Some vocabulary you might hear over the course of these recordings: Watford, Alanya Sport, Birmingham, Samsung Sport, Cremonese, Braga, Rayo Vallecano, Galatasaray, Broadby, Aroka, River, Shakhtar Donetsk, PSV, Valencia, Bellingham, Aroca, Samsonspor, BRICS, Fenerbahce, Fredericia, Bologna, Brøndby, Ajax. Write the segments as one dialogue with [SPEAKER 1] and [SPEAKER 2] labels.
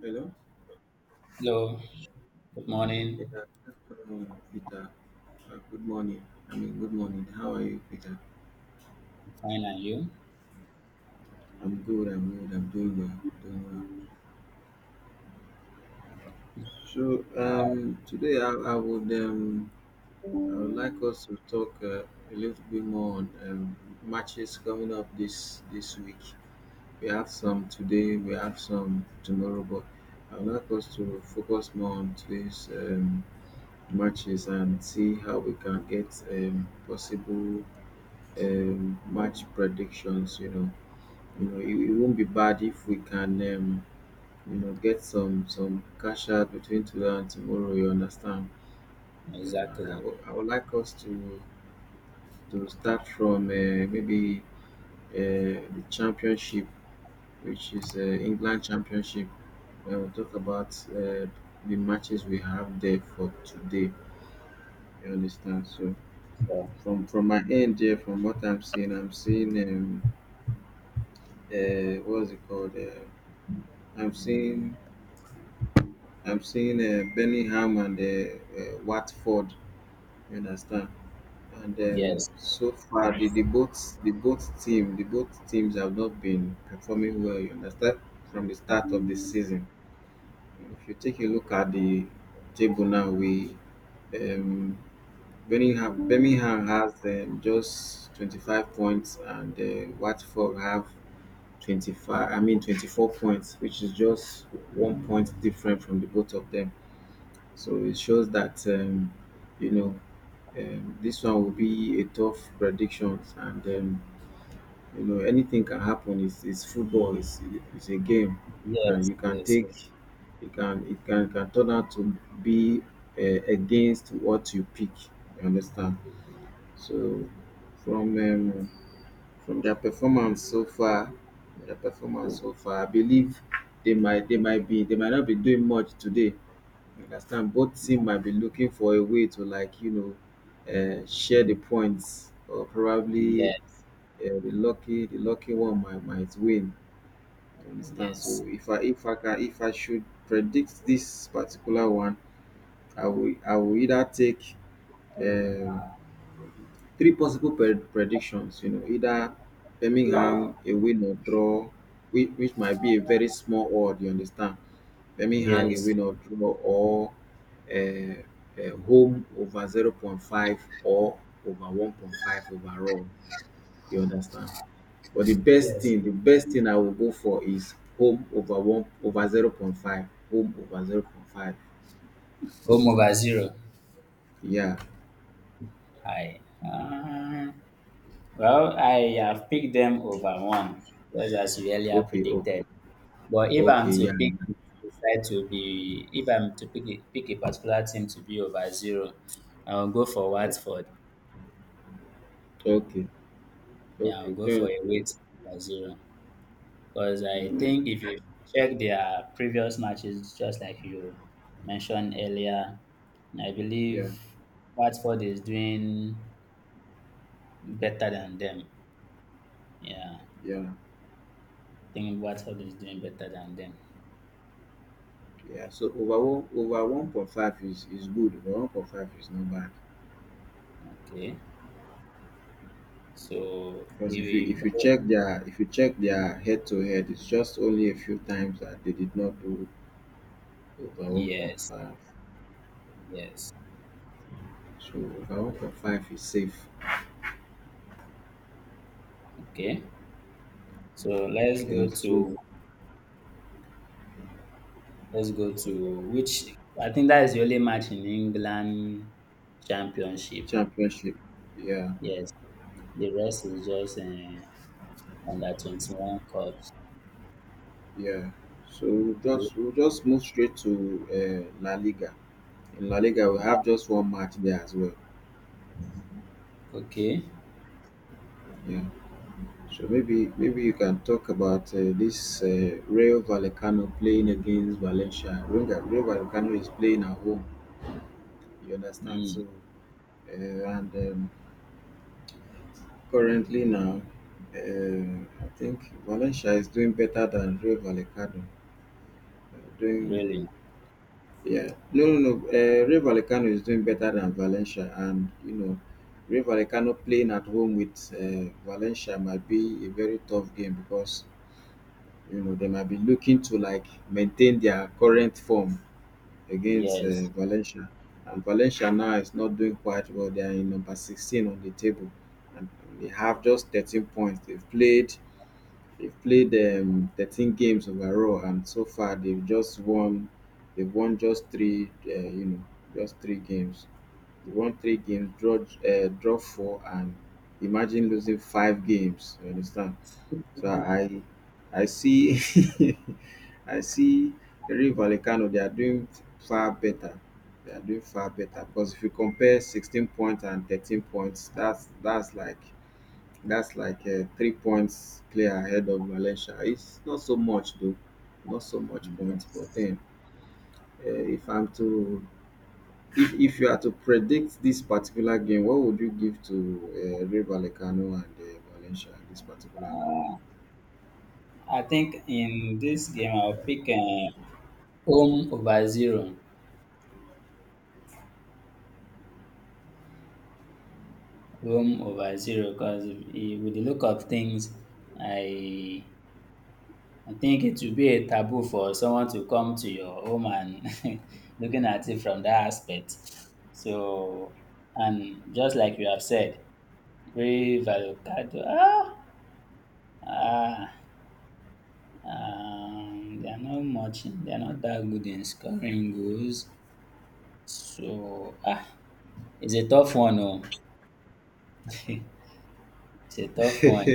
[SPEAKER 1] Hello.
[SPEAKER 2] Hello, good morning.
[SPEAKER 1] Yeah, Peter. Good morning. I mean, good morning. How are you, Peter?
[SPEAKER 2] I'm fine, and you?
[SPEAKER 1] I'm good. I'm good. I'm doing well. Doing well. So, today I would like us to talk a little bit more on matches coming up this week. We have some today. We have some tomorrow, but I would like us to focus more on today's matches and see how we can get possible match predictions. It won't be bad if we can, get some cash out between today and tomorrow. You understand? I
[SPEAKER 2] Exactly.
[SPEAKER 1] would I would like us to start from maybe the championship, which is England Championship. And we'll talk about the matches we have there for today. You understand? So
[SPEAKER 2] So,
[SPEAKER 1] from my end, here, from what I'm seeing what's it called? I'm seeing I'm seeing Bellingham and Watford. You understand? And
[SPEAKER 2] yes,
[SPEAKER 1] so far, the both team the both teams have not been performing well. You understand? From the start of the season, if you take a look at the table now, we um, Birmingham has just 25 points, and Watford have 25. I mean 24 points, which is just 1 point different from the both of them. So it shows that you know this one will be a tough prediction, and you know anything can happen. It's football. It's a game.
[SPEAKER 2] yes,
[SPEAKER 1] You can
[SPEAKER 2] yes,
[SPEAKER 1] take
[SPEAKER 2] yes,
[SPEAKER 1] It can turn out to be against what you pick. You understand? So from um, from their performance so far, I believe they might be they might not be doing much today. I understand both team might be looking for a way to, like, share the points, or probably
[SPEAKER 2] yes,
[SPEAKER 1] the lucky one might win. You understand? So if I should predict this particular one, I will either take um, three possible predictions, either Birmingham, a win or draw, which might be a very small odd. You understand? Birmingham
[SPEAKER 2] yes, yes,
[SPEAKER 1] Iwinnor draw, or um home over 0.5, or over 1.5 overall. You understand? But the best
[SPEAKER 2] yes.
[SPEAKER 1] thing, I will go for is home over one, over 0.5, home over 0.5.
[SPEAKER 2] Home over zero.
[SPEAKER 1] Yeah,
[SPEAKER 2] Hi. Well, I have picked them over one, just as you earlier
[SPEAKER 1] okay. Oh.
[SPEAKER 2] predicted. But if I'm
[SPEAKER 1] Okay,
[SPEAKER 2] to
[SPEAKER 1] yeah,
[SPEAKER 2] pick, decide to be, if I'm to pick, pick a particular team to be over zero, I'll go for
[SPEAKER 1] yeah, yeah.
[SPEAKER 2] Watford.
[SPEAKER 1] Okay,
[SPEAKER 2] Yeah, I'll
[SPEAKER 1] okay.
[SPEAKER 2] go for a
[SPEAKER 1] Then,
[SPEAKER 2] weight over zero. Because I think if you check their previous matches, just like you mentioned earlier, I
[SPEAKER 1] yeah,
[SPEAKER 2] believe Watford is doing better than them. Yeah, I
[SPEAKER 1] yeah,
[SPEAKER 2] think Watford is doing better than them.
[SPEAKER 1] yeah. So over one, over 1.5 is good; over 1.5 is not bad.
[SPEAKER 2] Okay, so
[SPEAKER 1] Because
[SPEAKER 2] we will.
[SPEAKER 1] if you check their head to head, it's just only a few times that they did not do over
[SPEAKER 2] Yes,
[SPEAKER 1] 1.5.
[SPEAKER 2] yes.
[SPEAKER 1] So over 1.5 is safe.
[SPEAKER 2] Okay, so
[SPEAKER 1] Yeah, so
[SPEAKER 2] let's go to which I think that is the only match in England Championship.
[SPEAKER 1] championship. Yeah,
[SPEAKER 2] Yes, the rest is just under 21 cups.
[SPEAKER 1] yeah. So we'll just move straight to La Liga. In La Liga, we have just one match there as well.
[SPEAKER 2] Okay.
[SPEAKER 1] Yeah. So maybe you can talk about this Real Vallecano playing against Valencia. Remember, Real Vallecano is playing at home. You understand?
[SPEAKER 2] Mm,
[SPEAKER 1] So, and currently now, I think Valencia is doing better than Rayo Vallecano. Doing
[SPEAKER 2] really?
[SPEAKER 1] Yeah, no, no, no. Rayo Vallecano is doing better than Valencia, and, Rayo Vallecano playing at home with Valencia might be a very tough game, because they might be looking to, like, maintain their current form against
[SPEAKER 2] Yes.
[SPEAKER 1] Valencia. And Valencia now is not doing quite well. They are in number 16 on the table, and they have just 13 points. They've played 13 games overall, and so far they've won just three, just three games. They won three games, draw four, and imagine losing five games. You understand? So I see I see Eri Vallecano, they are doing far better. They are doing far better, because if you compare 16 points and 13 points, that's that's like a 3 points clear ahead of Valencia. It's not so much though, not so much points. But
[SPEAKER 2] Yes.
[SPEAKER 1] then, uh, if I'm to if you are to predict this particular game, what would you give to Eri Vallecano and Valencia in this particular game?
[SPEAKER 2] I think in this game I'll pick home over zero. Home over zero because if, with the look of things, I I think it will be a taboo for someone to come to your home and looking at it from that aspect. So and just like you have said, brave avocado. Ah, ah, they are not much. They are not that good in scoring goals. So ah, it's a tough one. Oh. It's a tough one.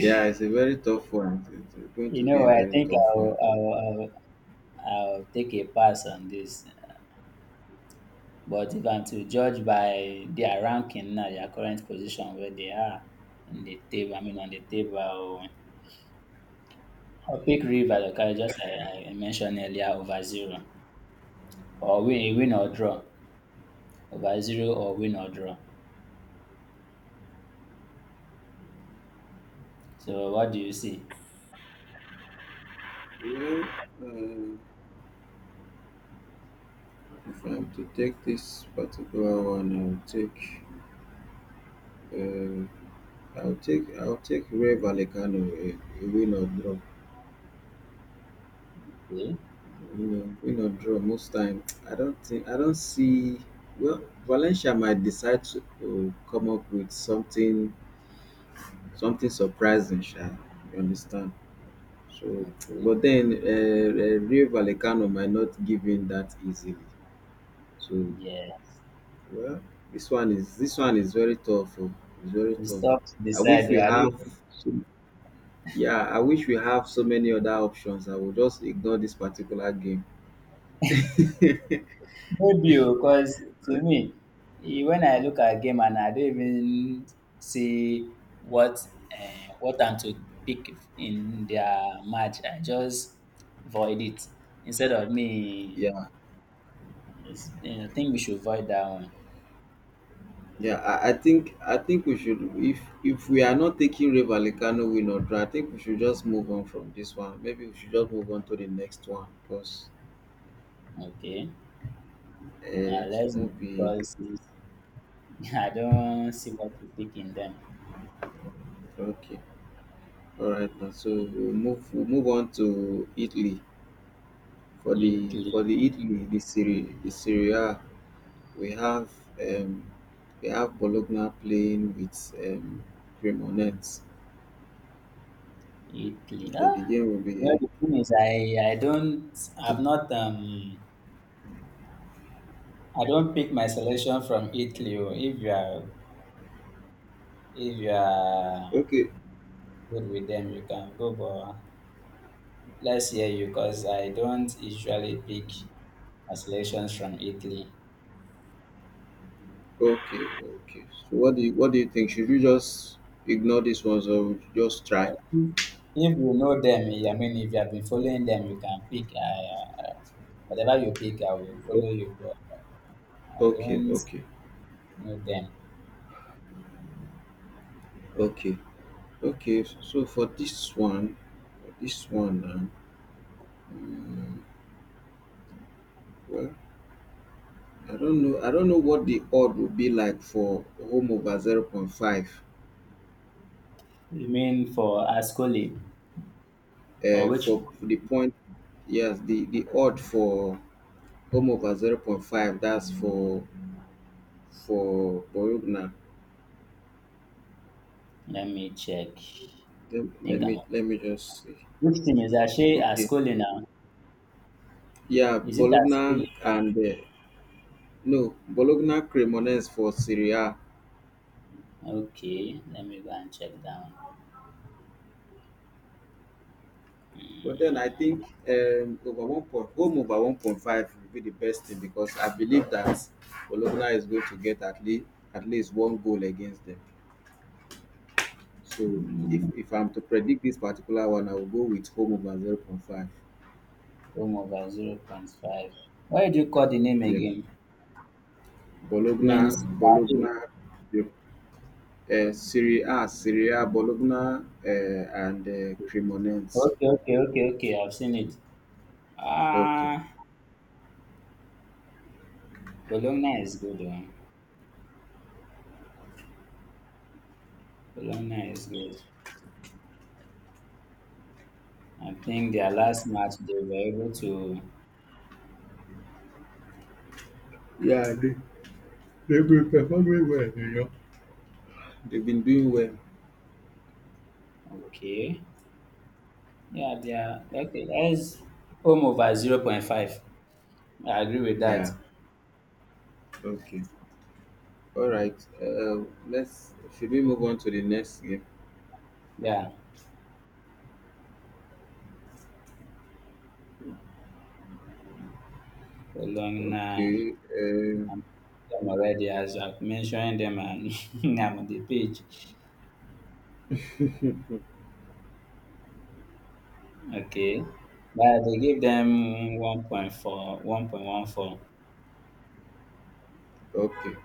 [SPEAKER 1] Yeah, it's a very tough one. It's going to be a
[SPEAKER 2] I
[SPEAKER 1] very
[SPEAKER 2] think
[SPEAKER 1] tough one.
[SPEAKER 2] I'll I'll take a pass on this. But if I'm to judge by their ranking now, their current position where they are in the table, I mean on the table, I'll pick River
[SPEAKER 1] Okay.
[SPEAKER 2] okay, just like I mentioned earlier, over zero or win or draw, over zero or win or draw. So what do you see?
[SPEAKER 1] Well, uh, if I'm to take this particular one, I'll take, uh, I'll take Ray Vallecano, a win or draw.
[SPEAKER 2] Okay,
[SPEAKER 1] Win or draw. Most time, I don't see. Well, Valencia might decide to come up with something surprising. Sha, you understand? So,
[SPEAKER 2] okay,
[SPEAKER 1] but then Rio Vallecano might not give in that easily. So,
[SPEAKER 2] yes.
[SPEAKER 1] well, this one is very tough. Oh. It's very
[SPEAKER 2] You
[SPEAKER 1] tough.
[SPEAKER 2] stop to
[SPEAKER 1] I
[SPEAKER 2] decide.
[SPEAKER 1] wish
[SPEAKER 2] oh,
[SPEAKER 1] we
[SPEAKER 2] I
[SPEAKER 1] have.
[SPEAKER 2] even-
[SPEAKER 1] So, yeah, I wish we have so many other options. I will just ignore this particular game.
[SPEAKER 2] Maybe because to me, when I look at game and I don't even see what I'm to pick in their match, I just void it instead of me.
[SPEAKER 1] Yeah,
[SPEAKER 2] I think we should void that one.
[SPEAKER 1] yeah. I think we should, if we are not taking Rio Vallecano win or draw, I think we should just move on from this one. Maybe we should just move on to the next one, because
[SPEAKER 2] Okay, now
[SPEAKER 1] it
[SPEAKER 2] let's,
[SPEAKER 1] won't be.
[SPEAKER 2] because it's— I don't see what to pick in them.
[SPEAKER 1] Okay. All right, now, so we'll move on to Italy. For
[SPEAKER 2] You
[SPEAKER 1] the Italy, the Serie A, we have um, we have Bologna playing with Cremonese.
[SPEAKER 2] Italy.
[SPEAKER 1] Okay,
[SPEAKER 2] Ah,
[SPEAKER 1] the game will
[SPEAKER 2] you know
[SPEAKER 1] be.
[SPEAKER 2] the thing is, I'm not um I don't pick my selection from Italy. Oh. If you are
[SPEAKER 1] Okay,
[SPEAKER 2] good with them, you can go. But let's hear you, cause I don't usually pick my selections from Italy.
[SPEAKER 1] okay, okay. So what do you think? Should we just ignore this one, or just try?
[SPEAKER 2] If if you know them, I mean, if you have been following them, you can pick. Whatever you pick, I will
[SPEAKER 1] Okay,
[SPEAKER 2] follow you. But I
[SPEAKER 1] okay,
[SPEAKER 2] don't know them.
[SPEAKER 1] okay, okay. So for this one, well, I don't know. I don't know what the odd would be like for home over zero point 0.5.
[SPEAKER 2] You mean for Ascoli or which?
[SPEAKER 1] For the point, yes, the odd for home over zero point 0.5. That's for Bologna.
[SPEAKER 2] Let me check.
[SPEAKER 1] Let,
[SPEAKER 2] Think I'm
[SPEAKER 1] let me just see.
[SPEAKER 2] Which team is that? She
[SPEAKER 1] Okay,
[SPEAKER 2] Ascoli now.
[SPEAKER 1] yeah,
[SPEAKER 2] Is it Ascoli?
[SPEAKER 1] Bologna and no, Bologna Cremonese for Serie A.
[SPEAKER 2] Okay, let me go and check down.
[SPEAKER 1] But then I think home over 1.5 will be the best thing, because I believe that Bologna is going to get at least one goal against them. So if I'm to predict this particular one, I will go with home over 0.5.
[SPEAKER 2] Home over zero point 0.5. Why did you call the name
[SPEAKER 1] Yeah,
[SPEAKER 2] again? In
[SPEAKER 1] Bologna,
[SPEAKER 2] Serie A.
[SPEAKER 1] Bologna, yeah. Serie A, Bologna, and Cremonense.
[SPEAKER 2] Okay, okay, okay, okay. I've seen it.
[SPEAKER 1] Okay,
[SPEAKER 2] Ah, Bologna is good one. Bologna is good. I think their last match they were able to.
[SPEAKER 1] yeah, they've been performing well. They've been doing well.
[SPEAKER 2] Okay, yeah, they are okay. That is home over 0.5. I agree with that.
[SPEAKER 1] Yeah, okay. All right. Uh, let's. Should we move on to the next game?
[SPEAKER 2] Yeah, following now,
[SPEAKER 1] Okay.
[SPEAKER 2] I'm them already as I've mentioned them and I'm on the page. Okay. But they give them 1.4, 1.14.
[SPEAKER 1] Okay.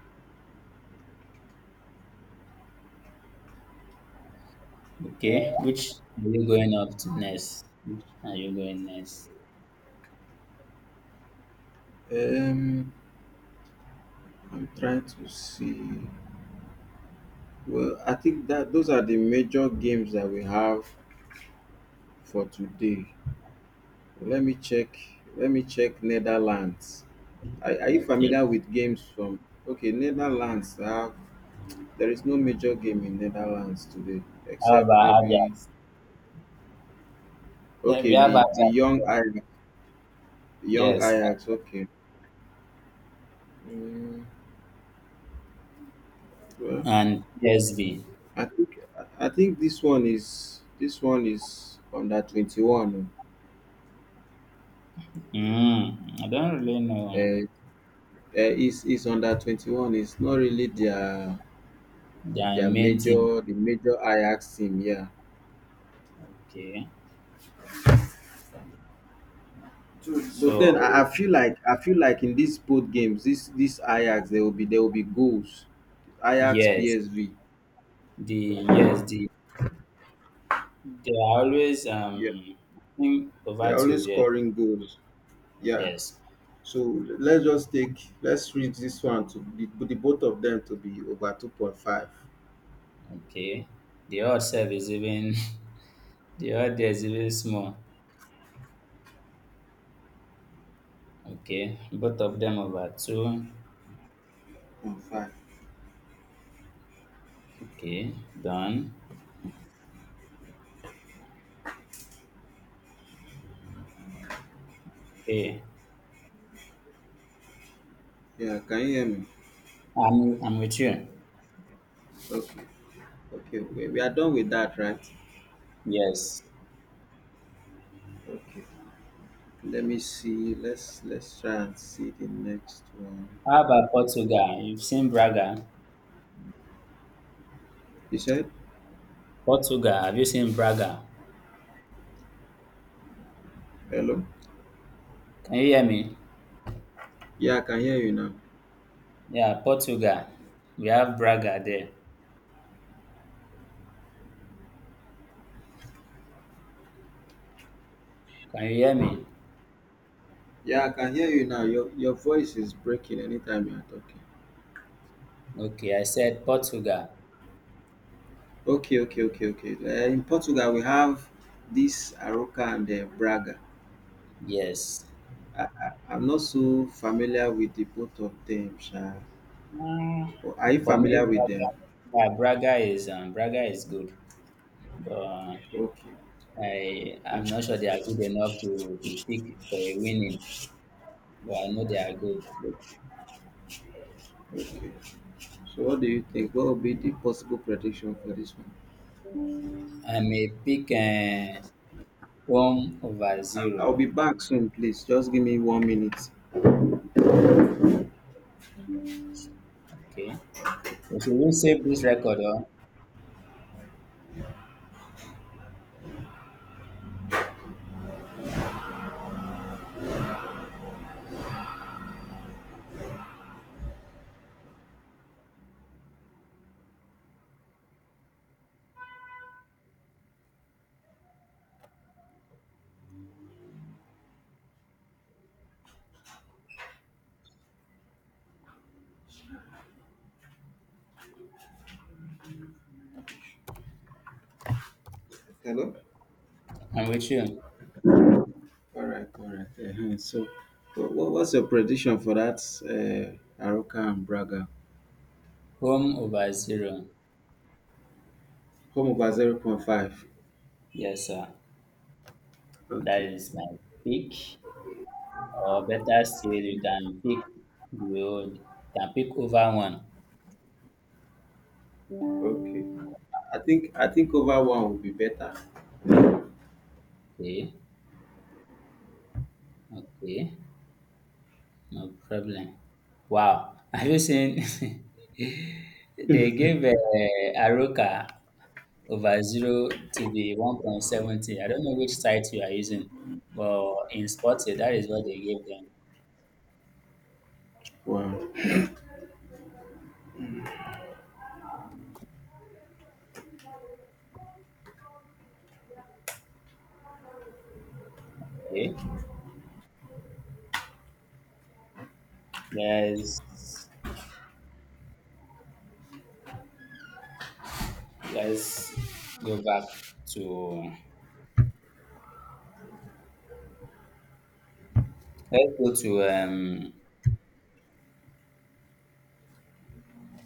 [SPEAKER 2] Okay. Which are you going up to next? Which are you going next?
[SPEAKER 1] Um, I'm trying to see. Well, I think that those are the major games that we have for today. Let me check. Let me check Netherlands. Are you
[SPEAKER 2] Okay.
[SPEAKER 1] familiar with games from? Okay, Netherlands have. There is no major game in Netherlands today,
[SPEAKER 2] How
[SPEAKER 1] except
[SPEAKER 2] about
[SPEAKER 1] maybe.
[SPEAKER 2] Ajax? Then we
[SPEAKER 1] Okay,
[SPEAKER 2] have
[SPEAKER 1] the
[SPEAKER 2] Ajax.
[SPEAKER 1] young Ajax. Young
[SPEAKER 2] Yes.
[SPEAKER 1] Ajax. Okay. Mm, well,
[SPEAKER 2] And PSV.
[SPEAKER 1] I think I think this one is under 21.
[SPEAKER 2] I don't really know
[SPEAKER 1] Uh, uh, is it's under 21. It's not really
[SPEAKER 2] their main thing.
[SPEAKER 1] the major Ajax team. Yeah.
[SPEAKER 2] Okay.
[SPEAKER 1] So, but then
[SPEAKER 2] So
[SPEAKER 1] I feel like in these both games, this Ajax there will be goals. Ajax
[SPEAKER 2] yes,
[SPEAKER 1] PSV.
[SPEAKER 2] the yes the they are always
[SPEAKER 1] Yeah.
[SPEAKER 2] over
[SPEAKER 1] They're
[SPEAKER 2] to
[SPEAKER 1] always
[SPEAKER 2] there.
[SPEAKER 1] scoring goals. Yeah.
[SPEAKER 2] Yes.
[SPEAKER 1] So let's just take let's reach this one to, the both of them to be over 2.5.
[SPEAKER 2] Okay. The odd self is even the odd there is even small. Okay. Both of them over two.
[SPEAKER 1] 2.5.
[SPEAKER 2] Okay. Done. Hey.
[SPEAKER 1] Yeah, can you hear me?
[SPEAKER 2] I'm with you.
[SPEAKER 1] Okay. Okay, we are done with that, right?
[SPEAKER 2] Yes.
[SPEAKER 1] Okay. Let me see. Let's try and see the next one.
[SPEAKER 2] How about Portugal? You've seen Braga.
[SPEAKER 1] You said
[SPEAKER 2] Portugal. Have you seen Braga?
[SPEAKER 1] hello?
[SPEAKER 2] Can you hear me?
[SPEAKER 1] Yeah, I can hear you now.
[SPEAKER 2] Yeah, Portugal. We have Braga there. Can you hear me?
[SPEAKER 1] Yeah, I can hear you now. Your voice is breaking anytime you are talking.
[SPEAKER 2] Okay, I said Portugal.
[SPEAKER 1] Okay, okay, okay, okay. In Portugal, we have this Aroca and Braga.
[SPEAKER 2] Yes.
[SPEAKER 1] I'm not so familiar with the both of them, Sha.
[SPEAKER 2] Uh,
[SPEAKER 1] Are you
[SPEAKER 2] for
[SPEAKER 1] familiar
[SPEAKER 2] me,
[SPEAKER 1] with
[SPEAKER 2] Braga,
[SPEAKER 1] them?
[SPEAKER 2] yeah, Braga is good, but
[SPEAKER 1] Okay.
[SPEAKER 2] I'm not sure they are good enough to be picked for a winning. But I know they are good.
[SPEAKER 1] Okay. So what do you think? What would be the possible prediction for this one?
[SPEAKER 2] I may pick home over
[SPEAKER 1] I'll
[SPEAKER 2] zero.
[SPEAKER 1] be back soon, please. Just give me 1 minute.
[SPEAKER 2] Okay, so should we save this record? Or
[SPEAKER 1] Hello.
[SPEAKER 2] I'm with you.
[SPEAKER 1] All right. All right. Uh-huh. So, what was your prediction for that Aroka and Braga?
[SPEAKER 2] Home over zero.
[SPEAKER 1] Home over 0.5.
[SPEAKER 2] Yes, sir. That
[SPEAKER 1] Okay.
[SPEAKER 2] is my pick. Or better still, you can pick the old. You can pick over one.
[SPEAKER 1] Okay. I think over one would be better.
[SPEAKER 2] Okay. Okay. No problem. Wow! Have you seen they gave Aroka over zero to the 1.70. I don't know which site you are using, but in Sporty, that is what they gave them.
[SPEAKER 1] Wow.
[SPEAKER 2] Okay. Let's let's go back to let's go to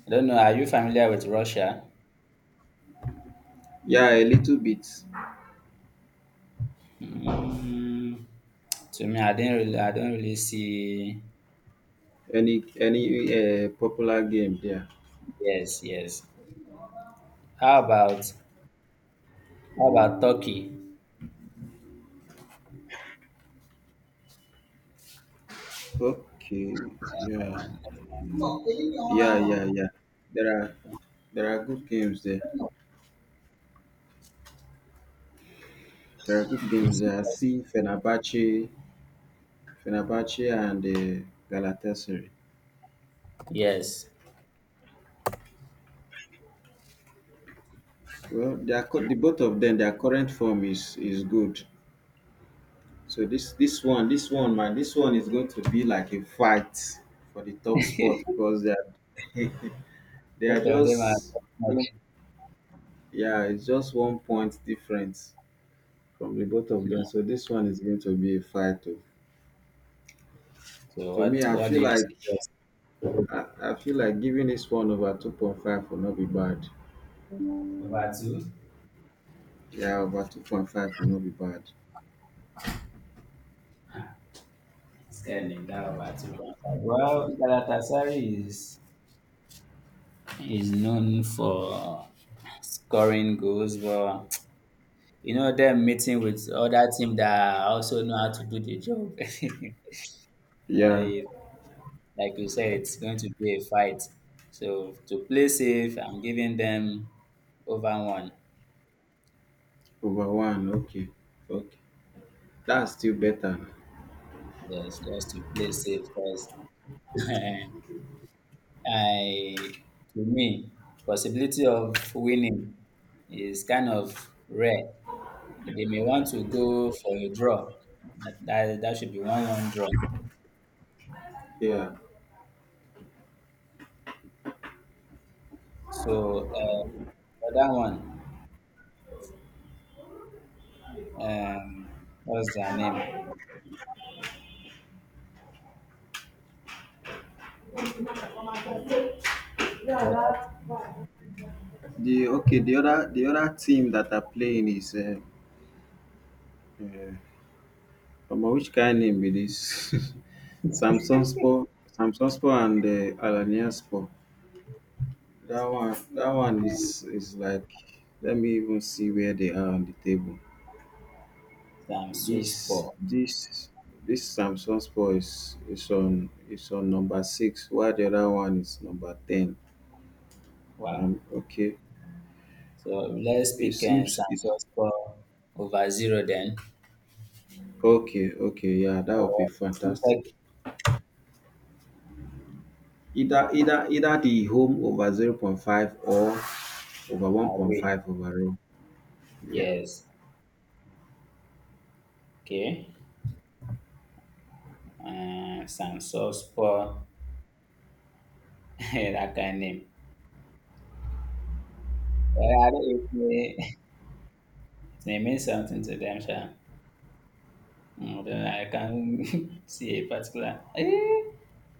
[SPEAKER 2] I don't know, are you familiar with Russia?
[SPEAKER 1] Yeah, a little bit.
[SPEAKER 2] Mm, to me I don't really see.
[SPEAKER 1] Any popular game there?
[SPEAKER 2] Yes, yes. How about Turkey?
[SPEAKER 1] Okay. Yeah. Yeah. Yeah. Yeah. There are there are good games there. There are good
[SPEAKER 2] You
[SPEAKER 1] games
[SPEAKER 2] see,
[SPEAKER 1] there. I see Fenerbahce, and Galatasaray.
[SPEAKER 2] yes.
[SPEAKER 1] Well, the both of them, their current form is good. So man, this one is going to be like a fight for the top spot, because they are they are
[SPEAKER 2] Both of them are
[SPEAKER 1] just
[SPEAKER 2] top notch.
[SPEAKER 1] yeah, it's just 1 point difference from the both of
[SPEAKER 2] Hmm.
[SPEAKER 1] them. So this one is going to be a fight. To,
[SPEAKER 2] So
[SPEAKER 1] to me, I
[SPEAKER 2] what do
[SPEAKER 1] feel
[SPEAKER 2] you
[SPEAKER 1] like
[SPEAKER 2] suggest?
[SPEAKER 1] I, I feel like giving this one over 2.5 will not be bad.
[SPEAKER 2] Over two?
[SPEAKER 1] Yeah, over 2.5 will not be bad.
[SPEAKER 2] Scared me down over two. Well, Galatasaray is known for scoring goals, but you know them meeting with other team that also know how to do the job.
[SPEAKER 1] Yeah,
[SPEAKER 2] I, like you said, it's going to be a fight. So to play safe, I'm giving them over one.
[SPEAKER 1] over one, okay. Okay. That's still better.
[SPEAKER 2] Yes, just to play safe because I, to me, possibility of winning is kind of rare. They may want to go for a draw. That should be 1-1 draw.
[SPEAKER 1] Yeah.
[SPEAKER 2] So the other one, um, what's their name? The other
[SPEAKER 1] The Okay, the other team that are playing is omo, which kind name be this? Samsung Sport? Samsung Sport and Alanya Sport. That one is like, let me even see where they are on the table.
[SPEAKER 2] Samsonspor.
[SPEAKER 1] This this this Samsung Sport is on number six, while the other one is number ten.
[SPEAKER 2] Wow.
[SPEAKER 1] Okay.
[SPEAKER 2] So let's
[SPEAKER 1] It
[SPEAKER 2] pick
[SPEAKER 1] seems it's
[SPEAKER 2] Samsonspor over zero then.
[SPEAKER 1] Okay, okay, yeah, that would
[SPEAKER 2] Or
[SPEAKER 1] be
[SPEAKER 2] I will check
[SPEAKER 1] fantastic. Either the home over zero point 0.5 or over
[SPEAKER 2] my way.
[SPEAKER 1] 1.5 overall. Yeah.
[SPEAKER 2] Yes. Okay. Sansospo, that kind of name. Well, I don't it, it may mean something to them, sha. Then I can't see a particular.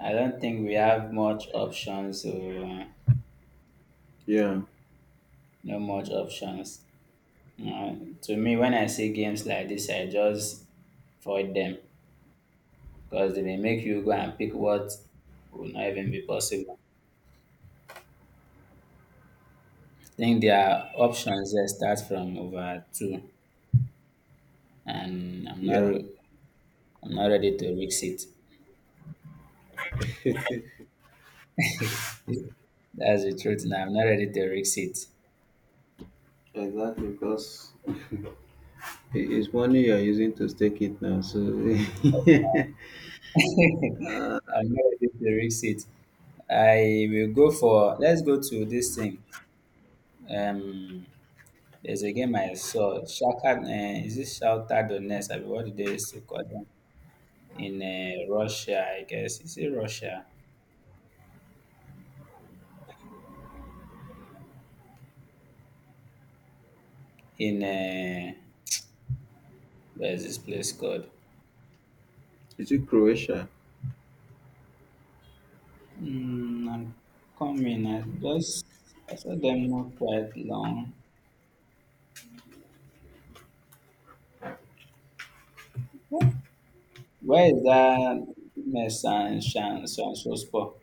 [SPEAKER 2] I don't think we have much options, so,
[SPEAKER 1] Yeah.
[SPEAKER 2] no much options. Uh, to me, when I see games like this, I just avoid them because they may make you go and pick what will not even be possible. I think their options there start from over two, and I'm not
[SPEAKER 1] Yeah.
[SPEAKER 2] I'm not ready to risk it. That's the truth, and I'm not ready to risk it.
[SPEAKER 1] Exactly, because it's money you're using to stake it now. So
[SPEAKER 2] I'm not ready to risk it. I will go for. Let's go to this thing. Um, there's a game I saw. Is it Shakhtar Donetsk? I mean, what do they used to call them in Russia? I guess is it Russia? In where's this place called?
[SPEAKER 1] Is it Croatia?
[SPEAKER 2] I'm coming. Just I saw them not quite long. Where is that mess and Shanspor?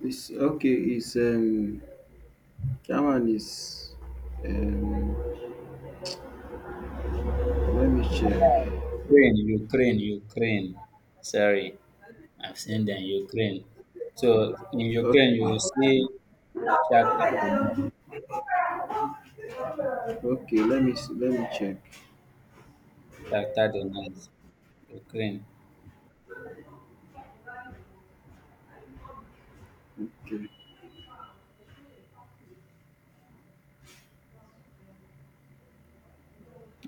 [SPEAKER 1] It's okay, it's German, is um let me check.
[SPEAKER 2] Ukraine, Ukraine, Ukraine. Sorry, I've seen them Ukraine. So in Ukraine,
[SPEAKER 1] Okay.
[SPEAKER 2] you will see Shakhtar Donetsk.
[SPEAKER 1] Okay, let me see, let me check.
[SPEAKER 2] Shakhtar Donetsk, Ukraine.
[SPEAKER 1] Okay.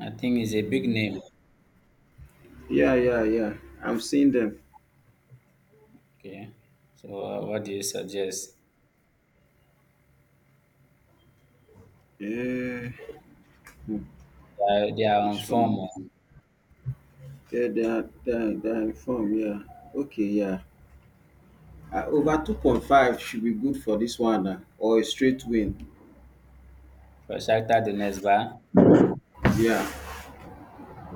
[SPEAKER 2] I think it's a big name.
[SPEAKER 1] Yeah, yeah, yeah. I'm seeing them.
[SPEAKER 2] Okay. So what do you suggest?
[SPEAKER 1] Yeah. Hmm,
[SPEAKER 2] They are on
[SPEAKER 1] Which
[SPEAKER 2] form
[SPEAKER 1] one? Yeah, they are in form. Yeah. Okay, yeah. Over 2.5 should be good for this one, or a straight win.
[SPEAKER 2] for Shakhtar Donetsk, ba?
[SPEAKER 1] Yeah.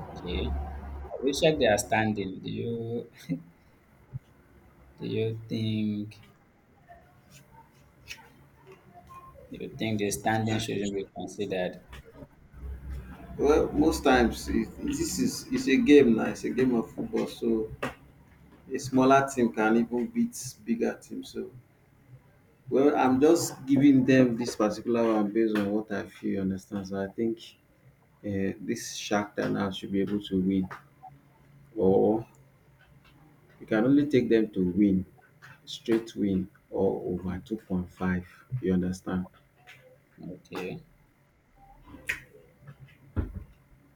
[SPEAKER 2] Okay. I will check their standing. Do you Do you think the standing shouldn't be considered?
[SPEAKER 1] Well, most times it, this is it's a game now. It's a game of football, so a smaller team can even beat bigger team. Well, I'm just giving them this particular one based on what I feel, you understand? So I think this Shark Tank now should be able to win, or you can only take them to win, straight win, or over 2.5. You understand?
[SPEAKER 2] Okay.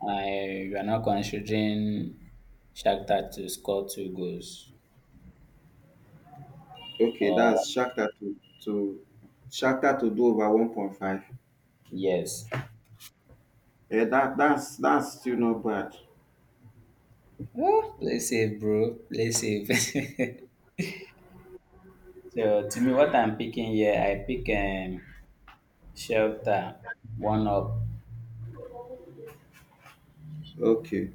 [SPEAKER 2] I we are not considering Shakhtar to score two goals.
[SPEAKER 1] Okay,
[SPEAKER 2] Or
[SPEAKER 1] that's Shark Tank to to do over 1.5.
[SPEAKER 2] yes.
[SPEAKER 1] Yeah, that's still not bad.
[SPEAKER 2] Oh, play safe, bro. Play safe. so to me, what I'm picking here, I pick Shakhtar one up.
[SPEAKER 1] Okay,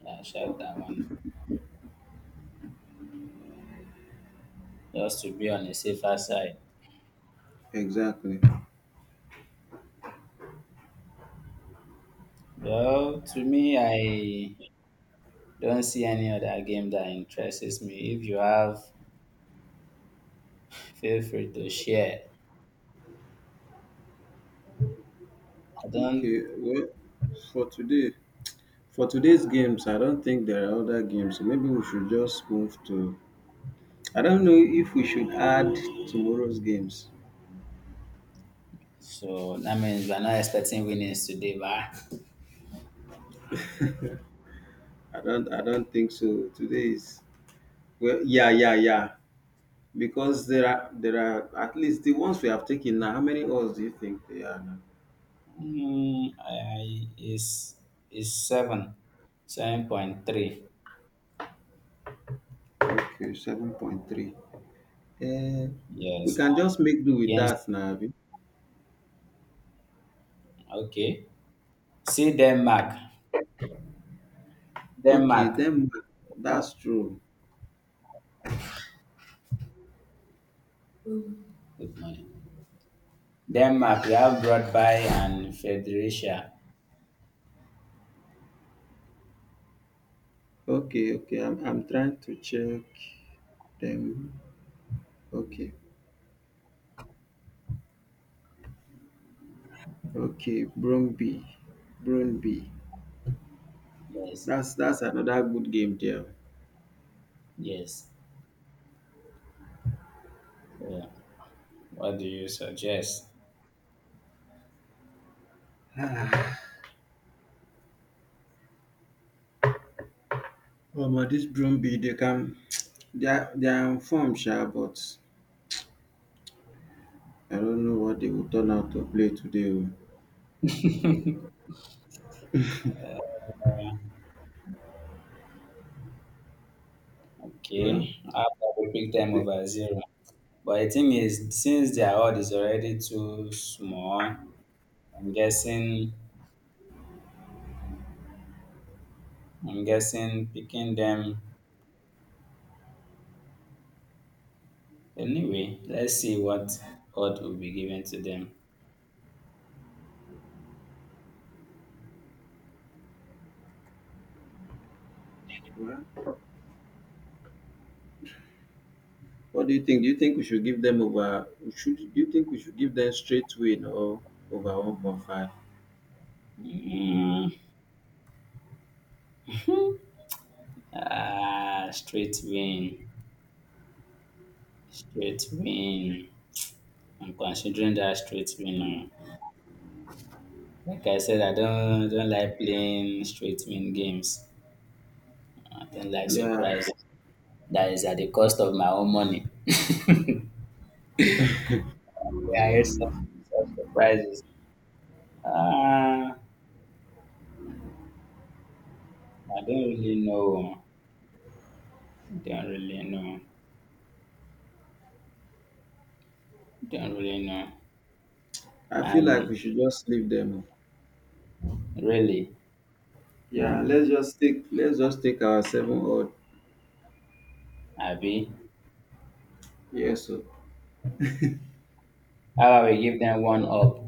[SPEAKER 2] Yeah, Shakhtar one up, just to be on the safer side.
[SPEAKER 1] exactly.
[SPEAKER 2] Well, to me, I don't see any other game that interests me. If you have, feel free to share. I
[SPEAKER 1] Okay,
[SPEAKER 2] don't.
[SPEAKER 1] well, for today. For today's games, I don't think there are other games. So maybe we should just move to. I don't know if we should add tomorrow's games.
[SPEAKER 2] So that means we're not expecting winnings today, but
[SPEAKER 1] I don't think so. Today's. Well, yeah, yeah, yeah. Because there are at least the ones we have taken now. How many odds do you think they are now?
[SPEAKER 2] I is seven, 7.3.
[SPEAKER 1] Okay, 7.3. Uh, we
[SPEAKER 2] Yes,
[SPEAKER 1] can just make do with
[SPEAKER 2] yes.
[SPEAKER 1] that now, abi?
[SPEAKER 2] Okay. See Denmark,
[SPEAKER 1] Okay,
[SPEAKER 2] Denmark.
[SPEAKER 1] then that's true.
[SPEAKER 2] Good morning. Denmark. We have Broadby and Fredericia.
[SPEAKER 1] Okay, okay. I'm trying to check them. Okay. Okay, Brøndby.
[SPEAKER 2] Yes,
[SPEAKER 1] That's another good game there.
[SPEAKER 2] yes. So, what do you suggest?
[SPEAKER 1] Oh, omo, this Brøndby they are on form sha, but I don't know what they will turn out to play today oh. Well,
[SPEAKER 2] Okay, I will pick
[SPEAKER 1] I
[SPEAKER 2] them
[SPEAKER 1] think
[SPEAKER 2] over zero. But the thing is, since their odd is already too small, I'm guessing. I'm guessing picking them. Anyway, let's see what will be given to them.
[SPEAKER 1] well what do you think? Do you think we should give them over we should do you think we should give them straight win or over 1.5?
[SPEAKER 2] Mm, ah, straight win, straight win. I'm considering that straight win now. Like I said, I don't like playing straight win games. I don't like
[SPEAKER 1] Yeah,
[SPEAKER 2] surprises. That is at the cost of my own money. yeah, it's such, such surprises. Ah, I don't really know. Don't really know. Don't really know.
[SPEAKER 1] I feel like
[SPEAKER 2] And
[SPEAKER 1] we should just leave them, oh.
[SPEAKER 2] really,
[SPEAKER 1] Yeah, let's just take our seven odd.
[SPEAKER 2] Abby.
[SPEAKER 1] Yes, so
[SPEAKER 2] How about we give them one up?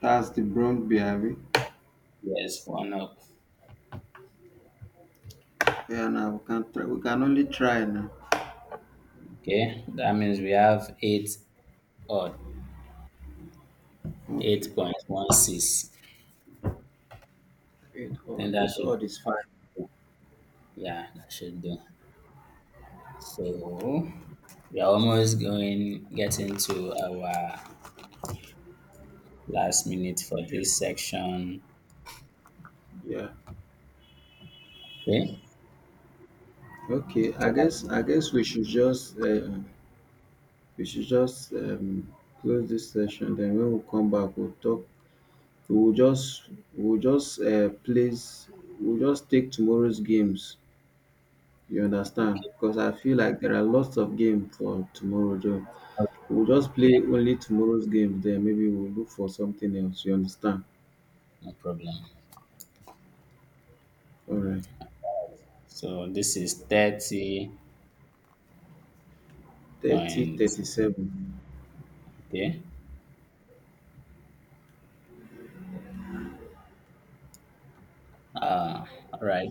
[SPEAKER 1] that's the Brøndby, abi.
[SPEAKER 2] Yes, one up.
[SPEAKER 1] Yeah, now we can try. We can only try now.
[SPEAKER 2] Okay, that means we have eight odd, eight
[SPEAKER 1] Okay.
[SPEAKER 2] point one six. Then
[SPEAKER 1] It odd is
[SPEAKER 2] that
[SPEAKER 1] fine.
[SPEAKER 2] should do. Yeah, that should do. So we are almost going getting to our last minute for this section.
[SPEAKER 1] Yeah.
[SPEAKER 2] Okay, okay,
[SPEAKER 1] Okay. I guess we should just close this session. Then when we come back, we'll talk. We'll just. We'll just place. We'll just take tomorrow's games. You
[SPEAKER 2] okay,
[SPEAKER 1] understand? Because I feel like there are lots of games for tomorrow, Joe. We'll just
[SPEAKER 2] okay.
[SPEAKER 1] play only tomorrow's games. Then maybe we'll look for something else. You understand?
[SPEAKER 2] No problem.
[SPEAKER 1] All right.
[SPEAKER 2] So this is thirty
[SPEAKER 1] Thirty
[SPEAKER 2] point.
[SPEAKER 1] thirty-seven.
[SPEAKER 2] Okay, ah, all right.